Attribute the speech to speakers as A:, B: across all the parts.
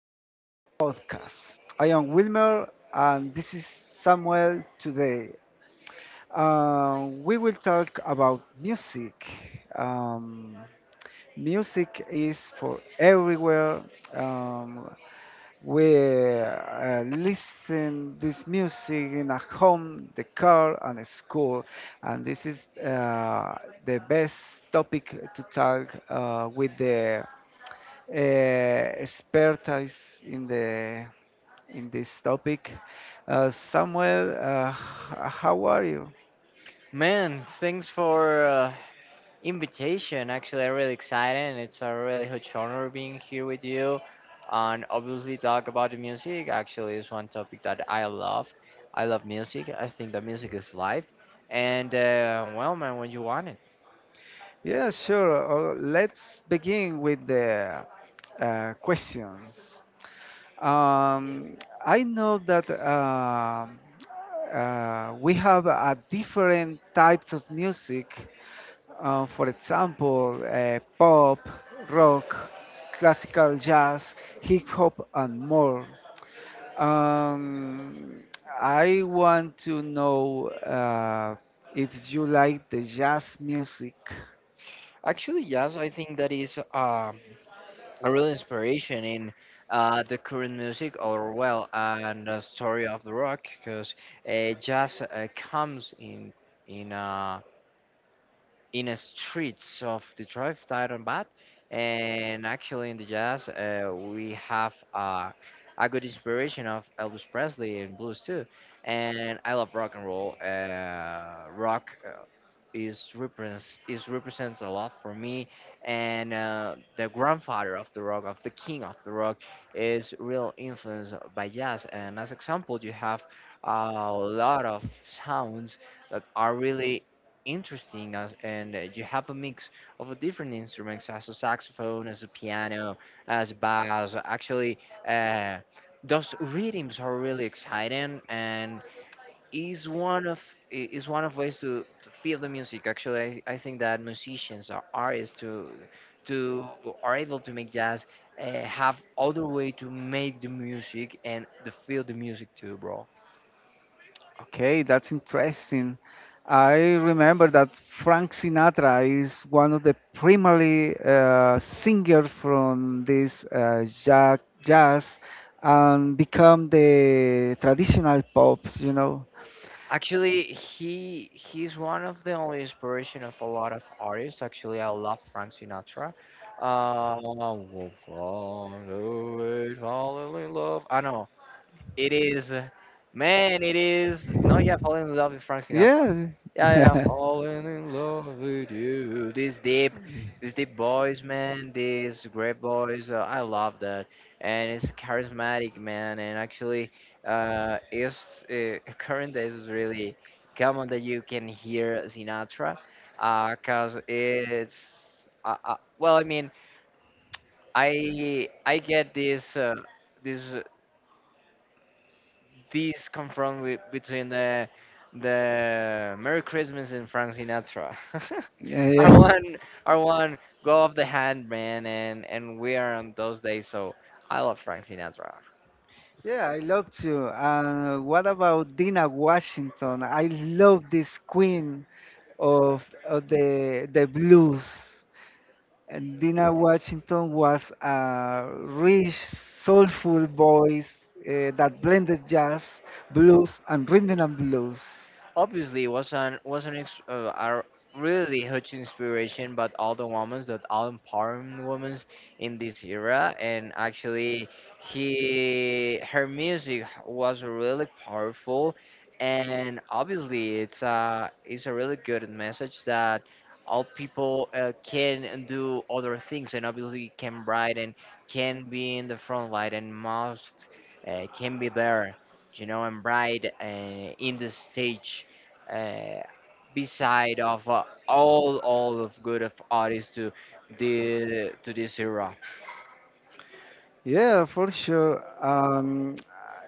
A: to our podcast. I am Wilmer, and this is Samuel today. We will talk about music. Um, Music is for everywhere. Um, we Listen this music in a home, the car, and a school, and this is the best topic to talk with the uh, expertise in the in this topic. Samuel, how are you?
B: man, thanks for invitation. Actually, I'm really excited, and it's a really huge honor being here with you. And obviously, talk about the music. Actually, is one topic that I love. I love music. I think that music is life. And well, man, when you want it.
A: Yeah, sure. Let's begin with the questions. Um, I know that we have different types of music. For example, pop, rock, classical jazz, hip hop, and more. Um, I want to know if you like the jazz music.
B: Actually, yes, I think that is a real inspiration in the current music, or well, and the story of the rock, because jazz comes in. In the streets of Detroit, Titanbat, and actually in the jazz, we have a good inspiration of Elvis Presley and blues too. And I love rock and roll. Rock is represents a lot for me, and the grandfather of the rock, of the king of the rock, is real influenced by jazz. And as example, you have a lot of sounds that are really interesting as, and you have a mix of different instruments as a saxophone as a piano as bass actually uh, those rhythms are really exciting and is one of is one of ways to feel the music actually I think that musicians or artists to are able to make jazz have other way to make the music and to feel the music too, bro.
A: Okay, that's interesting. I remember that Frank Sinatra is one of the primarily singer from this jazz and become the traditional pop, you know.
B: Actually, he's one of the only inspiration of a lot of artists. Actually, I love Frank Sinatra. We'll find a way fall in love. I know it is, man. It is no, yeah, falling in love with Frank Sinatra.
A: Yeah.
B: Yeah, yeah, falling in love with you. These deep boys, man. These great boys. I love that, and it's charismatic, man. And actually, it's current days is really common that you can hear Sinatra, cause it's. Well, I mean, I get this this this confront with, between the Merry Christmas and Frank Sinatra.
A: Yeah.
B: our
A: Yeah.
B: one our one go off the hand, man, and we are on those days, so I love Frank Sinatra.
A: Yeah, I love to. What about Dina Washington? I love this queen of the blues. And Dina Washington was a rich, soulful voice that blended jazz, blues, and rhythm and blues.
B: Obviously, a really huge inspiration, but all the women that all empowerment women in this era, and actually, he her music was really powerful, and obviously, it's a really good message that all people can do other things, and obviously can write and can be in the front light and must can be there, and bright in the stage, uh, beside of all of good of artists to the to this era.
A: Yeah, for sure.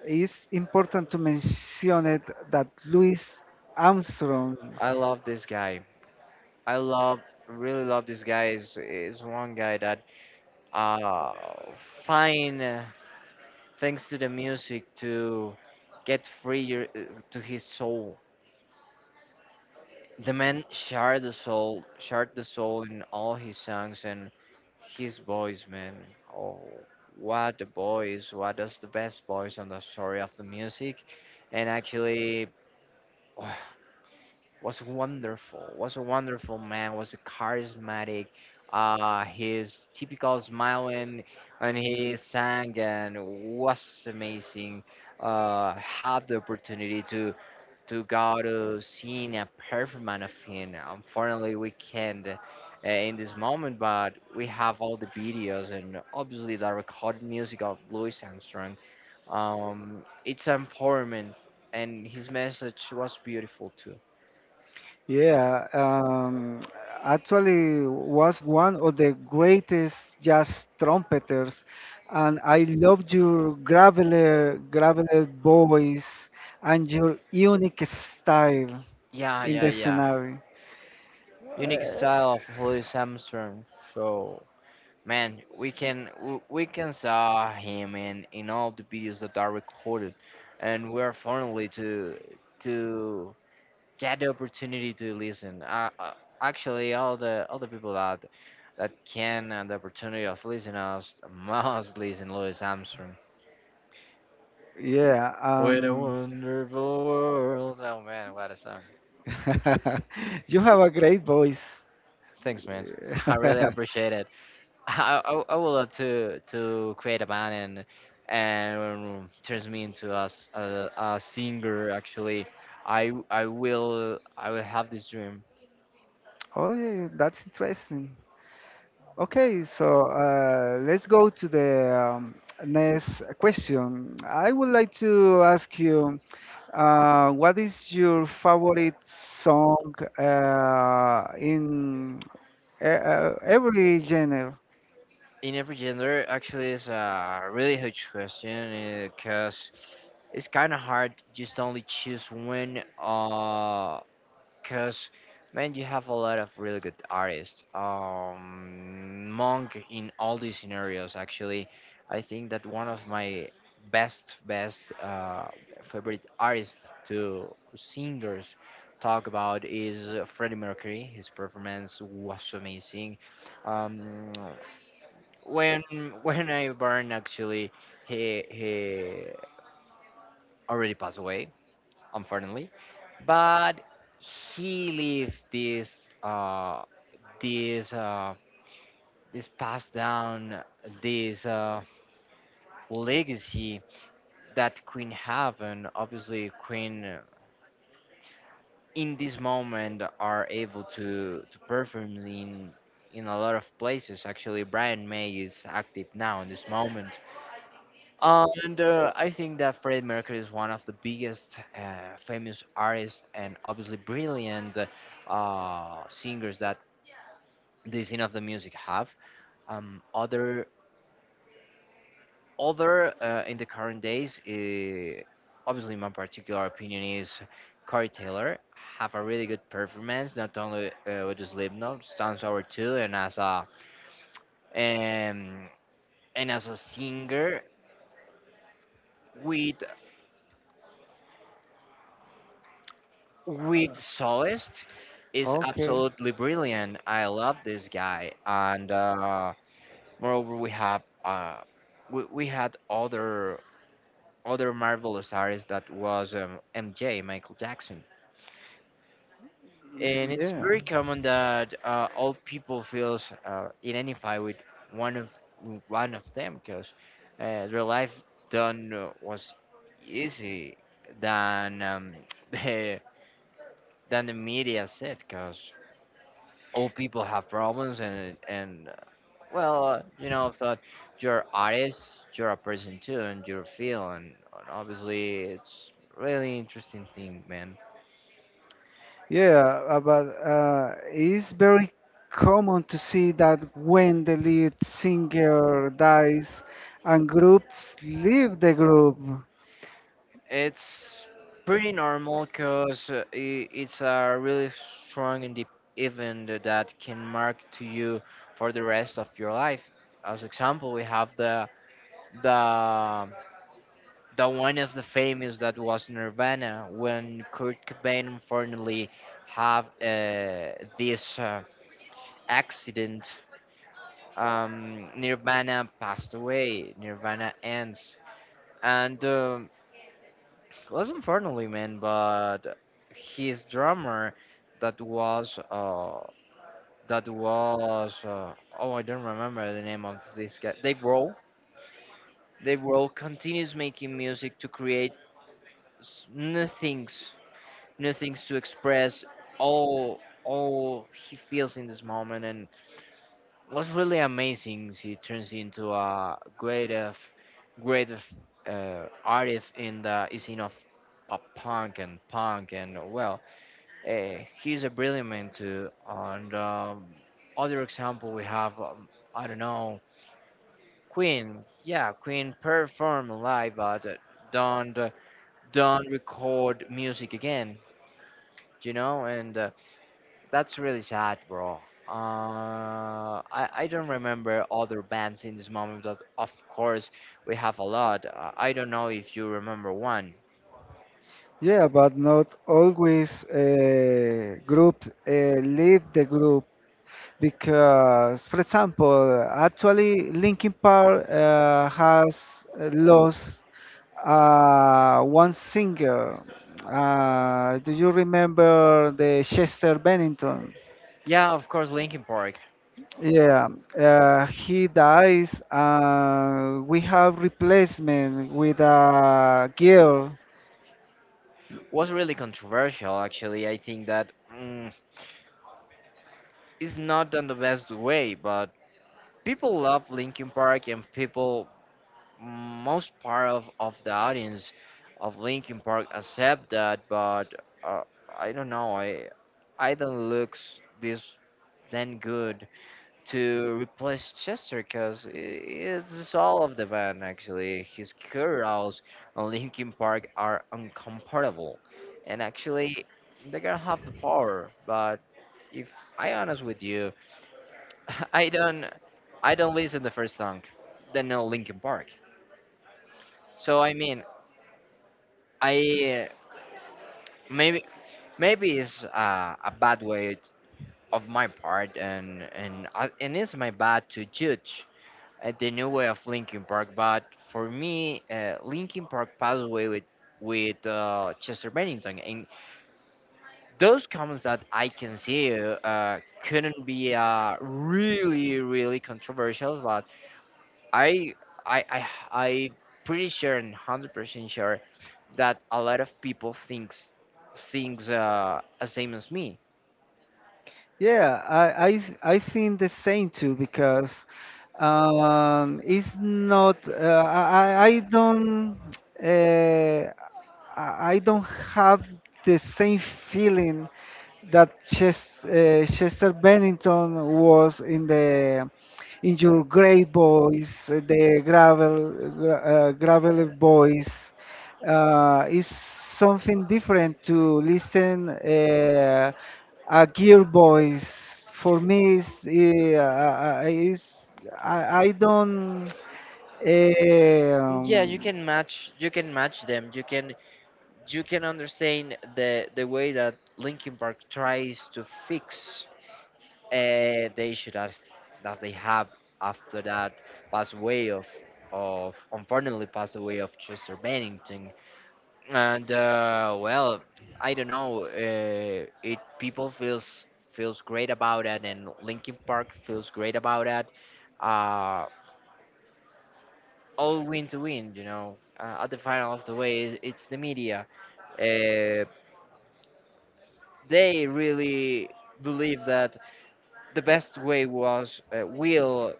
A: It's important to mention it that Louis Armstrong.
B: I love this guy. I love really love this guy. Is one guy that uh find, thanks to the music, to get free your, to his soul. The man shared the soul in all his songs and his voice, man. Oh, what a voice! What is the best voice on the story of the music? And actually, was wonderful. Was a wonderful man. Was a charismatic. His typical smiling when he sang and was amazing. Had the opportunity to go to seeing a performance of him. Unfortunately, we can't, in this moment, but we have all the videos and obviously the recorded music of Louis Armstrong. It's empowerment, and his message was beautiful too.
A: Yeah, actually was one of the greatest jazz trumpeters, and I loved your graveler, graveler voice and your unique style
B: Yeah,
A: in
B: yeah,
A: the
B: yeah.
A: scenario. Uh,
B: Unique style of Louis Armstrong. So, man, we can saw him in all the videos that are recorded, and we're finally to get the opportunity to listen. Actually, all the people that can and the opportunity of listening us must listen Louis Armstrong.
A: yeah,
B: What a wonderful world! Oh, man, what a song!
A: you have a great voice.
B: Thanks, man. I really appreciate it. I would love to create a band and turns me into a singer. Actually, I will have this dream
A: Oh, yeah, that's interesting. Okay, so let's go to the next question. I would like to ask you, what is your favorite song in every genre?
B: in every gender. Actually, is a really huge question, because it's kind of hard just only choose one, because, man, you have a lot of really good artists, monk, in all these scenarios. Actually, I think that one of my best favorite artists to singers talk about is, Freddie Mercury. His performance was amazing. um when when I born, actually, he already passed away, unfortunately. But he lived this, uh this uh this passed down, this legacy that Queen have, and obviously Queen, in this moment are able to perform in a lot of places. Actually, Brian May is active now in this moment. And I think that Freddie Mercury is one of the biggest, famous artists, and obviously brilliant, singers that the scene of the music have. Um, other other, in the current days, obviously my particular opinion is Corey Taylor have a really good performance, not only with the Slipknot, Stone Sour too, and as a, um, and as a singer, with with Solist, is
A: Okay,
B: absolutely brilliant. I love this guy, and moreover, we have, we had other marvelous artists that was, MJ, Michael Jackson, and it's
A: yeah.
B: very common that all people feels, identify with one of one of them, because their life done, was easy than, the, than the media said, because old people have problems and well, you know, thought, you're artist, you're a person too, and you're feel, and obviously it's really interesting thing, man.
A: Yeah, but it's very common to see that when the lead singer dies and groups leave the group.
B: It's pretty normal, because it's a really strong and deep event that can mark to you for the rest of your life. As example, we have the, the The one of the famous that was Nirvana, when Kurt Cobain unfortunately have, this, accident. Nirvana passed away. Nirvana ends, and it was unfortunately, man, but his drummer, that was uh, that was oh, I don't remember the name of this guy. Dave Grohl. Dave Grohl continues making music to create s- new things new things to express all he feels in this moment, and what's really amazing is he turns into a great of, great of artist in the scene of pop punk and punk, and well, uh, he's a brilliant man too. And, other example, we have, I don't know, Queen. Yeah, Queen perform live, but don't uh, don't record music again, you know, and that's really sad, bro. I don't remember other bands in this moment, but of course we have a lot. I don't know if you remember one.
A: Yeah, but not always group leave the group because, for example, actually Linkin Park has lost one singer. Do you remember the Chester Bennington?
B: Yeah, of course, Linkin Park
A: Yeah, he dies, and we have replacement with a girl.
B: was really controversial, actually. I think that, it's not done the best way, but people love Linkin Park, and people, most part of the audience of Linkin Park accept that, but uh, I don't know. I don't looks this then good to replace Chester, because it's all of the band, actually. His curls on Linkin Park are uncomparable, and actually they're gonna have the power. But if I honest with you, I don't I don't listen the first song, then no Linkin Park. So I mean, I, maybe maybe it's, a bad way of my part, and it's my bad to judge, the new way of Linkin Park. But for me, Linkin Park passed away with, Chester Bennington, and those comments that I can see, couldn't be, really really controversial. But I I pretty sure and 100% sure that a lot of people thinks the same as me.
A: Yeah, I think the same too because it's not I uh, I don't have the same feeling that Chester Bennington was in the in your great boys, the gravel boys. Is something different to listen. Gearboys for me is I don't eh,
B: Yeah, you can match you can match them. You can understand the way that Linkin Park tries to fix, the issue that they have after that pass away of unfortunately pass away of Chester Bennington, and well, I don't know. It people feels great about it, and Linkin Park feels great about it. Uh, all win to win, you know. At the final of the way, it's the media. Uh, they really believe that the best way was, will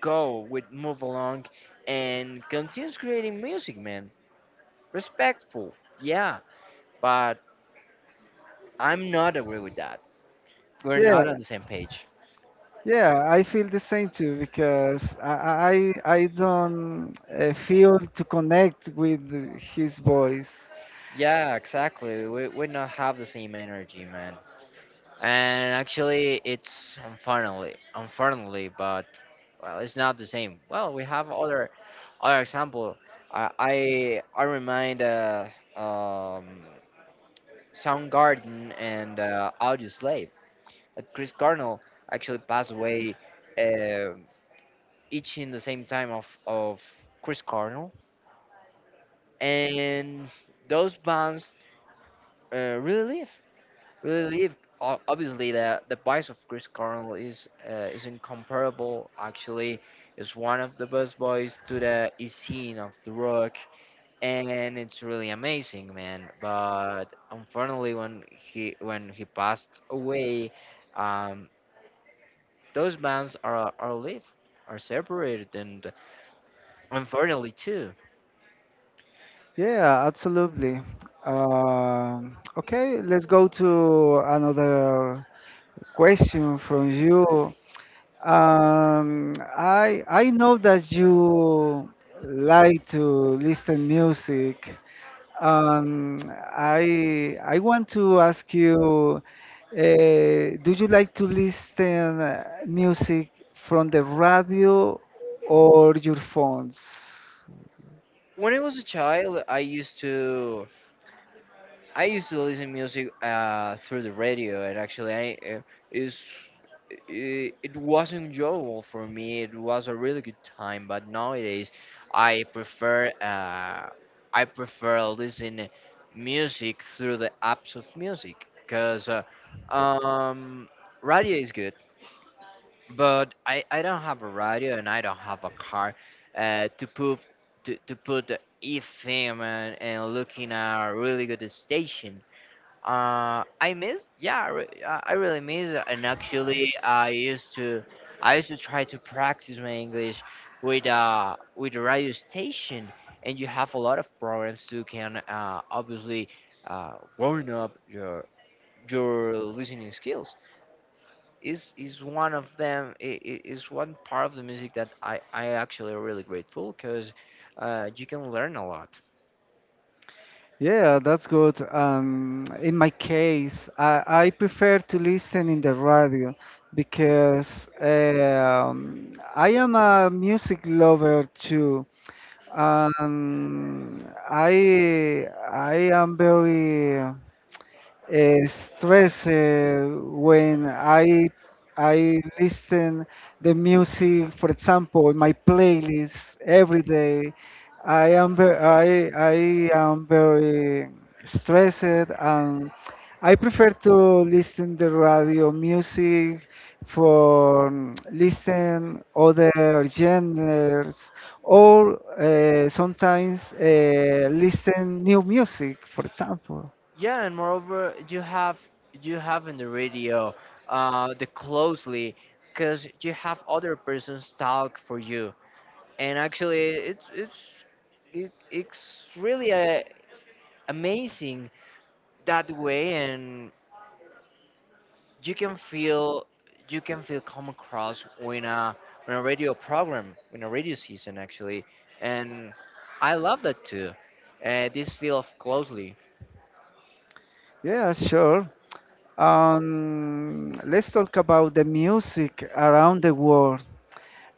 B: go with move along and continues creating music, man. Respectful, yeah, but I'm not agree with that. We're
A: yeah
B: not on the same page.
A: yeah I feel the same too because I don't feel to connect with his voice.
B: Yeah, exactly, we not have the same energy, man. And actually it's unfortunately, but well, it's not the same. Well, we have other example. I remind, um Soundgarden, and Audioslave. Chris Cornell actually passed away, uh, each in the same time of Chris Cornell. And those bands, really live. Really live. Obviously, the voice of Chris Cornell is incomparable. Actually, is one of the best voice to the scene of the rock and it's really amazing, man. But unfortunately, when he passed away, um, those bands are live, are separated, and unfortunately too.
A: Yeah, absolutely. Um, okay, let's go to another question from you. I know that you like to listen music. Um, I want to ask you, do you like to listen music from the radio or your phones?
B: When I was a child, I used to listen music through the radio, and actually, is it was enjoyable for me. It was a really good time. But nowadays, I prefer uh, I prefer listening music through the apps of music because um, radio is good, but I don't have a radio and I don't have a car to put to put the FM and, looking at a really good station. I miss Yeah, I really miss it. And actually, I used to try to practice my English with a radio station, and you have a lot of programs to can obviously warm up your listening skills. Is one of them. Is one part of the music that I actually really grateful because you can learn a lot.
A: Yeah, that's good. In my case, I prefer to listen in the radio because I am a music lover too. Um, I am very stress when I listen the music, for example, my playlist every day. I am very stressed and I prefer to listen the radio music for mm, listen other genres or sometimes listen new music, for example.
B: Yeah, and moreover, you have in the radio the closely, because you have other persons talk for you, and actually, it's really amazing that way, and you can feel come across when a radio season actually, and I love that too. This feel of closely.
A: Yeah, sure. Let's talk about the music around the world.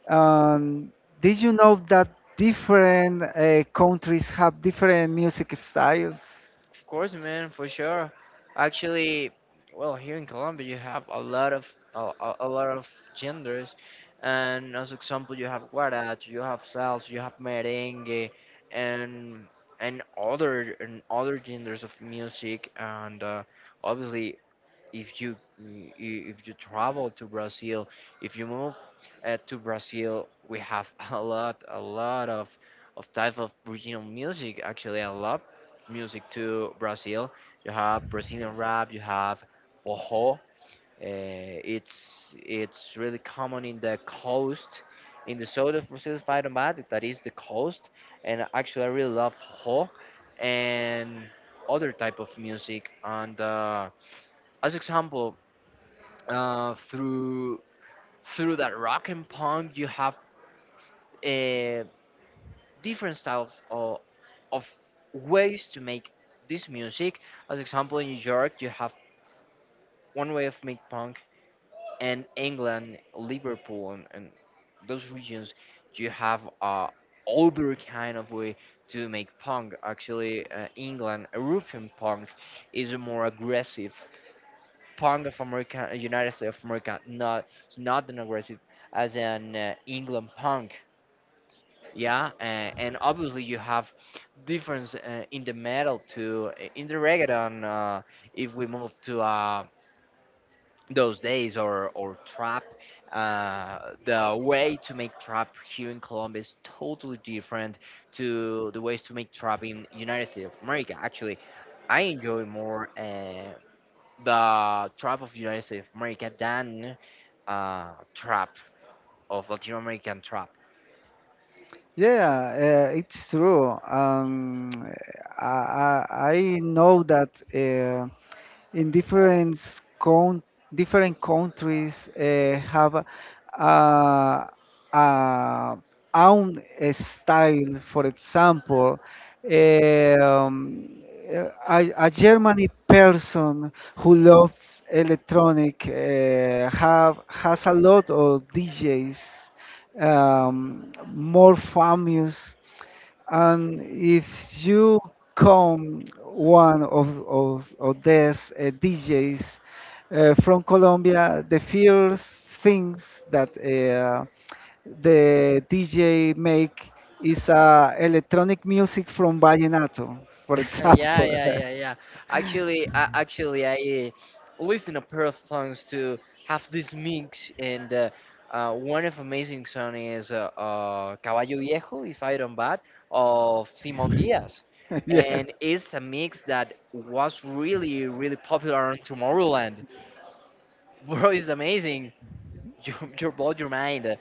A: Um, did you know that different countries have different music styles?
B: Of course, man, for sure. Actually, well, here in Colombia, you have a lot of a, a a lot of genders, and as example, you have guaracha, you have salsa, you have merengue, and and other genders of music, and obviously, if you if you travel to Brazil, if you move to Brazil, we have a lot of type of regional music. Actually, I love music to Brazil. You have Brazilian rap, you have forró. It's really common in the coast, in the south of Brazil, if I don't mind, that is the coast. And actually, I really love forró and other type of music. And as example, uh, through through that rock and punk, you have uh, different styles of ways to make this music. As example, in New York you have one way of make punk, and England, Liverpool, and, those regions, you have other kind of way to make punk. Actually, England European punk is more aggressive. Pound of America, United States of America, not, it's not an aggressive as an England punk. Yeah, and obviously you have difference in the metal to in the reggaeton. If we move to those days or trap, the way to make trap here in Colombia is totally different to the ways to make trap in United States of America. Actually, I enjoy more the trap of United States of America than trap of Latin American trap.
A: Yeah, it's true. Um, I know that. um in different con different countries have uh, uh, own style. For example, um, a Germany person who loves electronic have has a lot of DJs more famous and if you come one of these DJs from Colombia, the first things that the DJ make is electronic music from vallenato, for
B: Yeah,
A: example.
B: yeah, yeah, yeah. Actually, I listen a pair of songs to have this mix, and one of amazing song is Caballo Viejo, if I don't bad, of Simon Diaz,
A: Yeah.
B: and it's a mix that was really, really popular on Tomorrowland. Bro, it's amazing. You you bought your mind.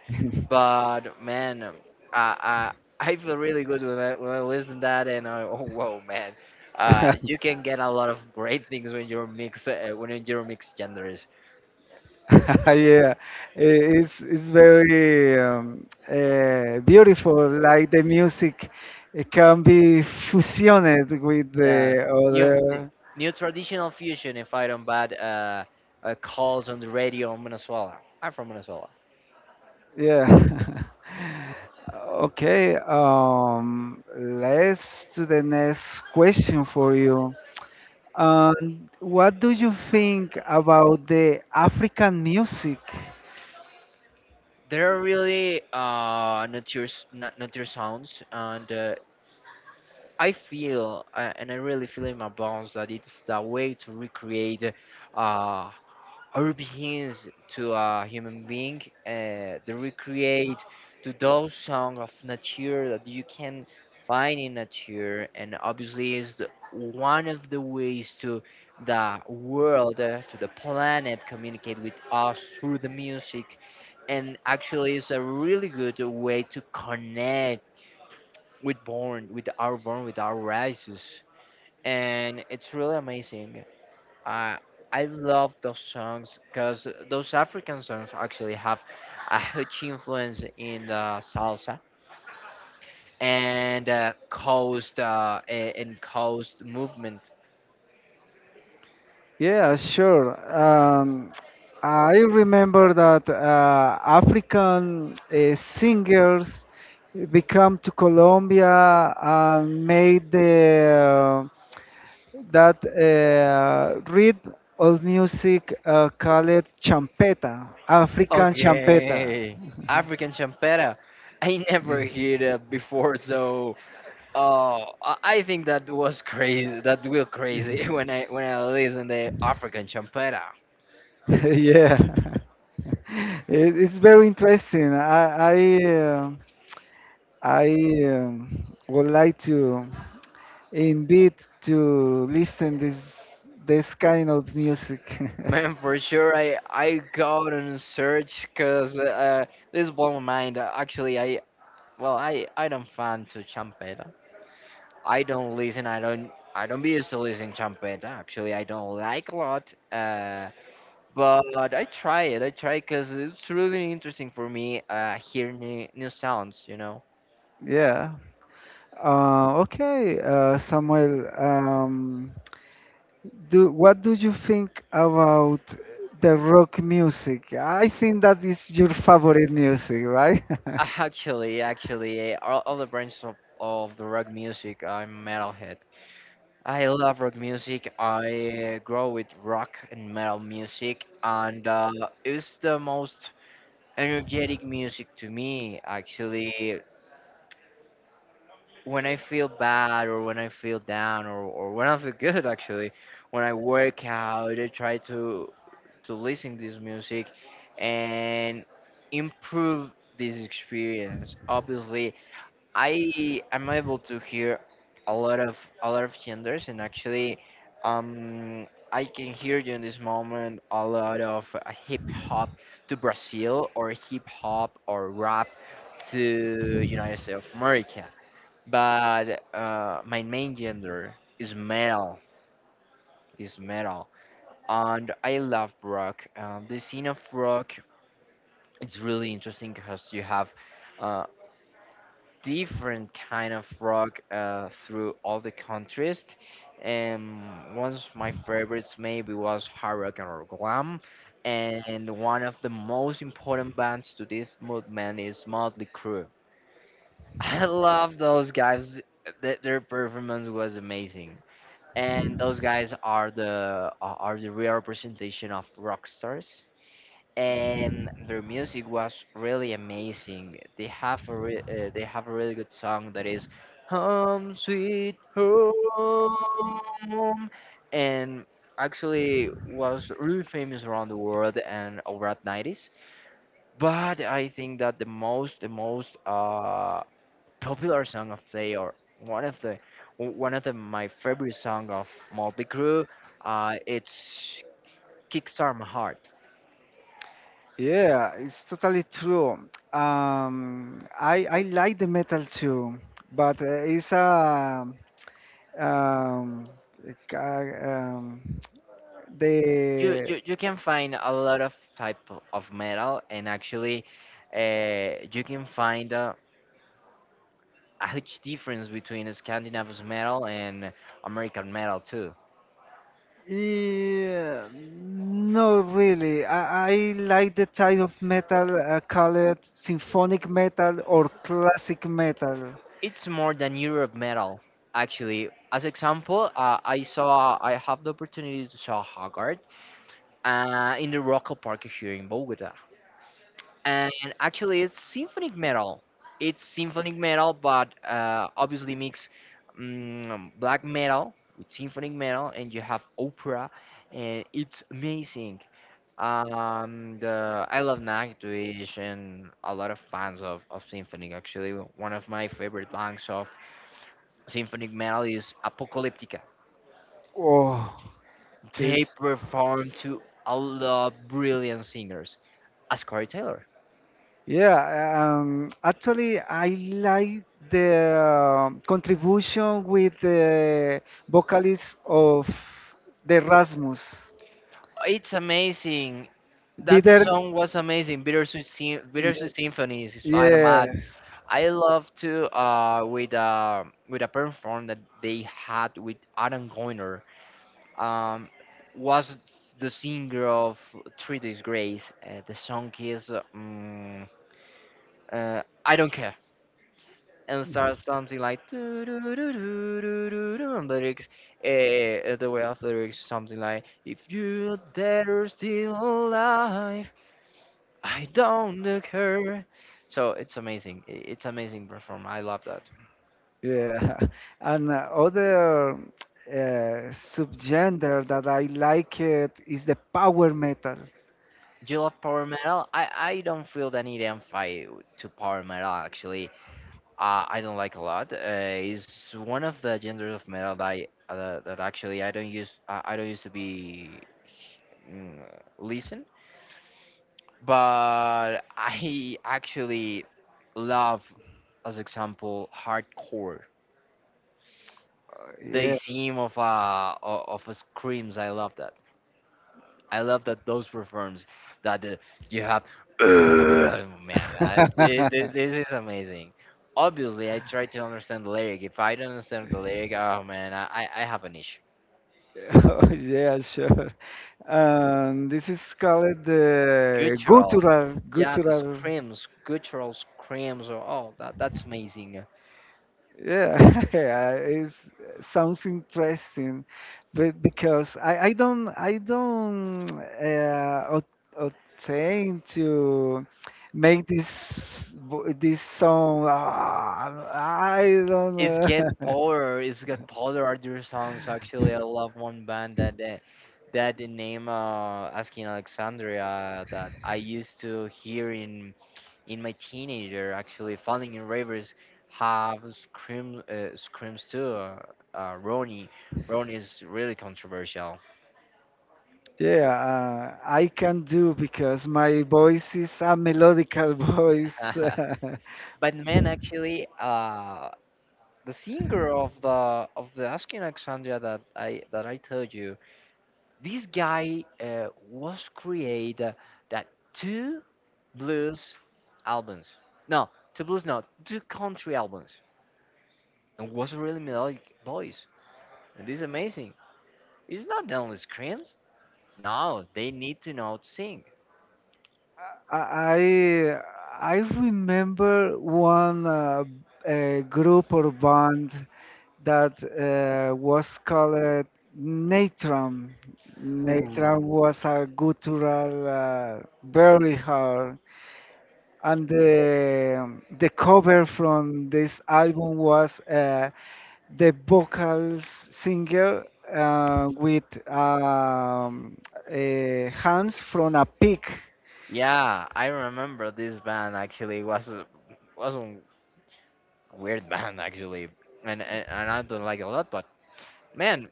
B: But man, I I feel really good when I listen to that, and I, oh whoa man, you can get a lot of great things when you're mix when you're mixed genders.
A: Yeah, it's very beautiful. Like the music, it can be fusioned with the
B: Yeah, new
A: other.
B: new traditional fusion. If I don't bad, calls on the radio in Venezuela. I'm from Venezuela.
A: Yeah. Okay. Let's to the next question for you. What do you think about the African music?
B: There are really not your sounds, and I really feel in my bones that it's the way to recreate uh, our beings to a human being, to recreate to those songs of nature that you can find in nature, and obviously is one of the ways to the world, to the planet, communicate with us through the music, and actually is a really good way to connect with born with our rises, and it's really amazing. I I love those songs because those African songs actually have a huge influence in the salsa and coast movement.
A: Yeah, sure. I remember that African singers become to Colombia and made the that rhythm of music called champeta, African champeta.
B: Okay. African champera, I never heard it before, so. Oh, I think that was crazy. That will crazy when I listen the African champera.
A: Yeah, it's very interesting. I would like to. Indeed to listen this this kind of music.
B: Man, for sure, I go out and search because this blow my mind. Actually, I well, I don't fan to champeta. I don't listen. I don't be used to listening champeta. Actually, I don't like a lot. But I try it. I try because it's really interesting for me. Hearing new sounds. You know.
A: Yeah. Okay, Samuel. Do what do you think about the rock music? I think that is your favorite music, right?
B: Actually, all the branches of the rock music, I'm metalhead. I love rock music. I grow with rock and metal music, and it's the most energetic music to me. Actually, when I feel bad, or when I feel down, or when I feel good, actually, when I work out, I try to listen to this music and improve this experience. Obviously, I am able to hear a lot of genders, and actually, I can hear you in this moment a lot of hip hop to Brazil, or hip hop, or rap to United States of America. But my main gender is metal, is metal, and I love rock. The scene of rock, it's really interesting because you have uh, different kind of rock through all the countries. And one of my favorites maybe was hard rock and glam. And one of the most important bands to this movement is Motley Crue. I love those guys. Their performance was amazing. And those guys are the are the real representation of rock stars, and their music was really amazing. They have a really good song that is "Home Sweet Home," and actually was really famous around the world and over 90s. But I think that the most, the most popular song of they, or one of the my favorite song of Motley Crue, it's "Kickstart My Heart."
A: Yeah, it's totally true. I like the metal too, but it's a um, ca- um, the
B: You can find a lot of type of metal, and actually you can find a huge difference between Scandinavian metal and American metal too.
A: yeah, no, really. I like the type of metal, call it symphonic metal or classic metal.
B: It's more than Europe metal, actually. As example, I have the opportunity to saw Haggard in the Rocco Park here in Bogota. And actually, it's symphonic metal, but obviously mix black metal with symphonic metal, and you have opera, and it's amazing. The I love Nightwish, and a lot of bands of symphonic. Actually, one of my favorite bands of symphonic metal is Apocalyptica.
A: Oh,
B: They
A: this.
B: perform to a lot of brilliant singers as Corey Taylor.
A: Yeah, actually, I like the contribution with the vocalist of the Rasmus.
B: It's amazing.
A: Be
B: That
A: there.
B: song was amazing. Bittersweet Symphony is Spider
A: Yeah,
B: Man. I love to with a perform that they had with Adam Goiner. Um, was the singer of Three Days Grace. The song is "I Don't Care," and starts something like "Do, do, do, do, do, do, do," and lyrics. The way of lyrics, something like if you're dead or still alive. I don't look her. So it's amazing. It's amazing perform. I love that.
A: yeah. And other subgenre that I like it is the power metal.
B: Do you love power metal? I don't feel the need and fight to power metal, actually. I don't like a lot. It's one of the genres of metal that actually I don't use. I don't used to be mm, listen, but I actually love, as example, hardcore. The
A: Yeah.
B: theme of screams. I love that. I love that those performs that you have. Oh man, I, it, thi- this is amazing. Obviously, I try to understand the lyric. If I don't understand the lyric, oh man, I have an issue.
A: Oh, yeah, sure. This is called the
B: Guttural,
A: guttural,
B: yeah, the
A: guttural.
B: screams, guttural screams. Oh, oh, that's amazing.
A: Yeah, it sounds interesting, but because I don't obtain to make this song. Ah, I don't.
B: It's get polar. It's get polar are their songs. Actually, I love one band that the name Asking Alexandria, that I used to hear in my teenager. Actually, Falling in Rivers have screams too. Uh, Ronnie, Ronnie is really controversial.
A: Yeah, I can do because my voice is a melodical voice.
B: But man, actually, the singer of the Asking Alexandria that I told you, this guy was create that two blues albums. No, two blues, no, two country albums. And was a really melodic voice. And this is amazing. It's not only screams. No, they need to know to sing.
A: I remember one group or band. That was called Natron. Natron was a guttural, very hard. And the cover from this album was the vocals singer with um, uh, hands from a pig.
B: Yeah, I remember this band, actually. It was a weird band, actually, and, and I don't like it a lot. But man,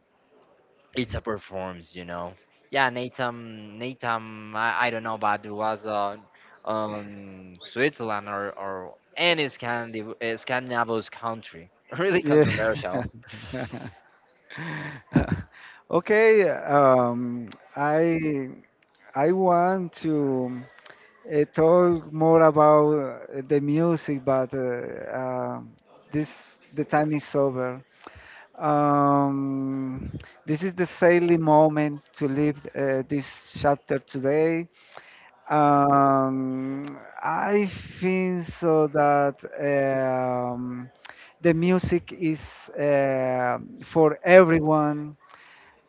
B: it's a performance. Yeah, Nathan, I don't know, but it was on Switzerland, or any Scandinavian country. Really
A: Yeah.
B: controversial.
A: Okay. I want to. It told more about the music, but this the time is over. Um, this is the silly moment to leave this chapter today. I think so that the music is uh, for everyone.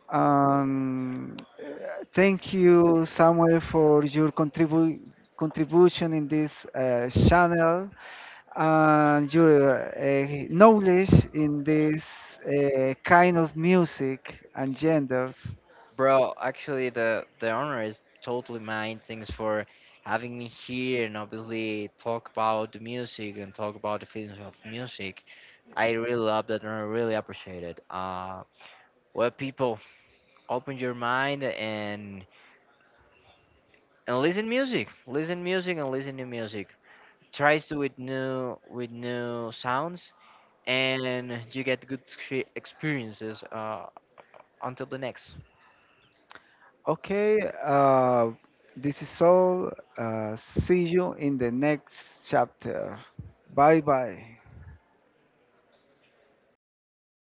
A: um, uh, Thank you, Samuel, for your contribution in this channel and your knowledge in this kind of music and genders.
B: Bro, actually, the honor is totally mine. Thanks for having me here, and obviously talk about the music and talk about the feelings of music. I really love that, and I really appreciate it. Well, people, open your mind and listen music, and listen new music. Tries to with new with new sounds, and you get good experiences, until the next.
A: Okay, this is all. See you in the next chapter. Bye bye.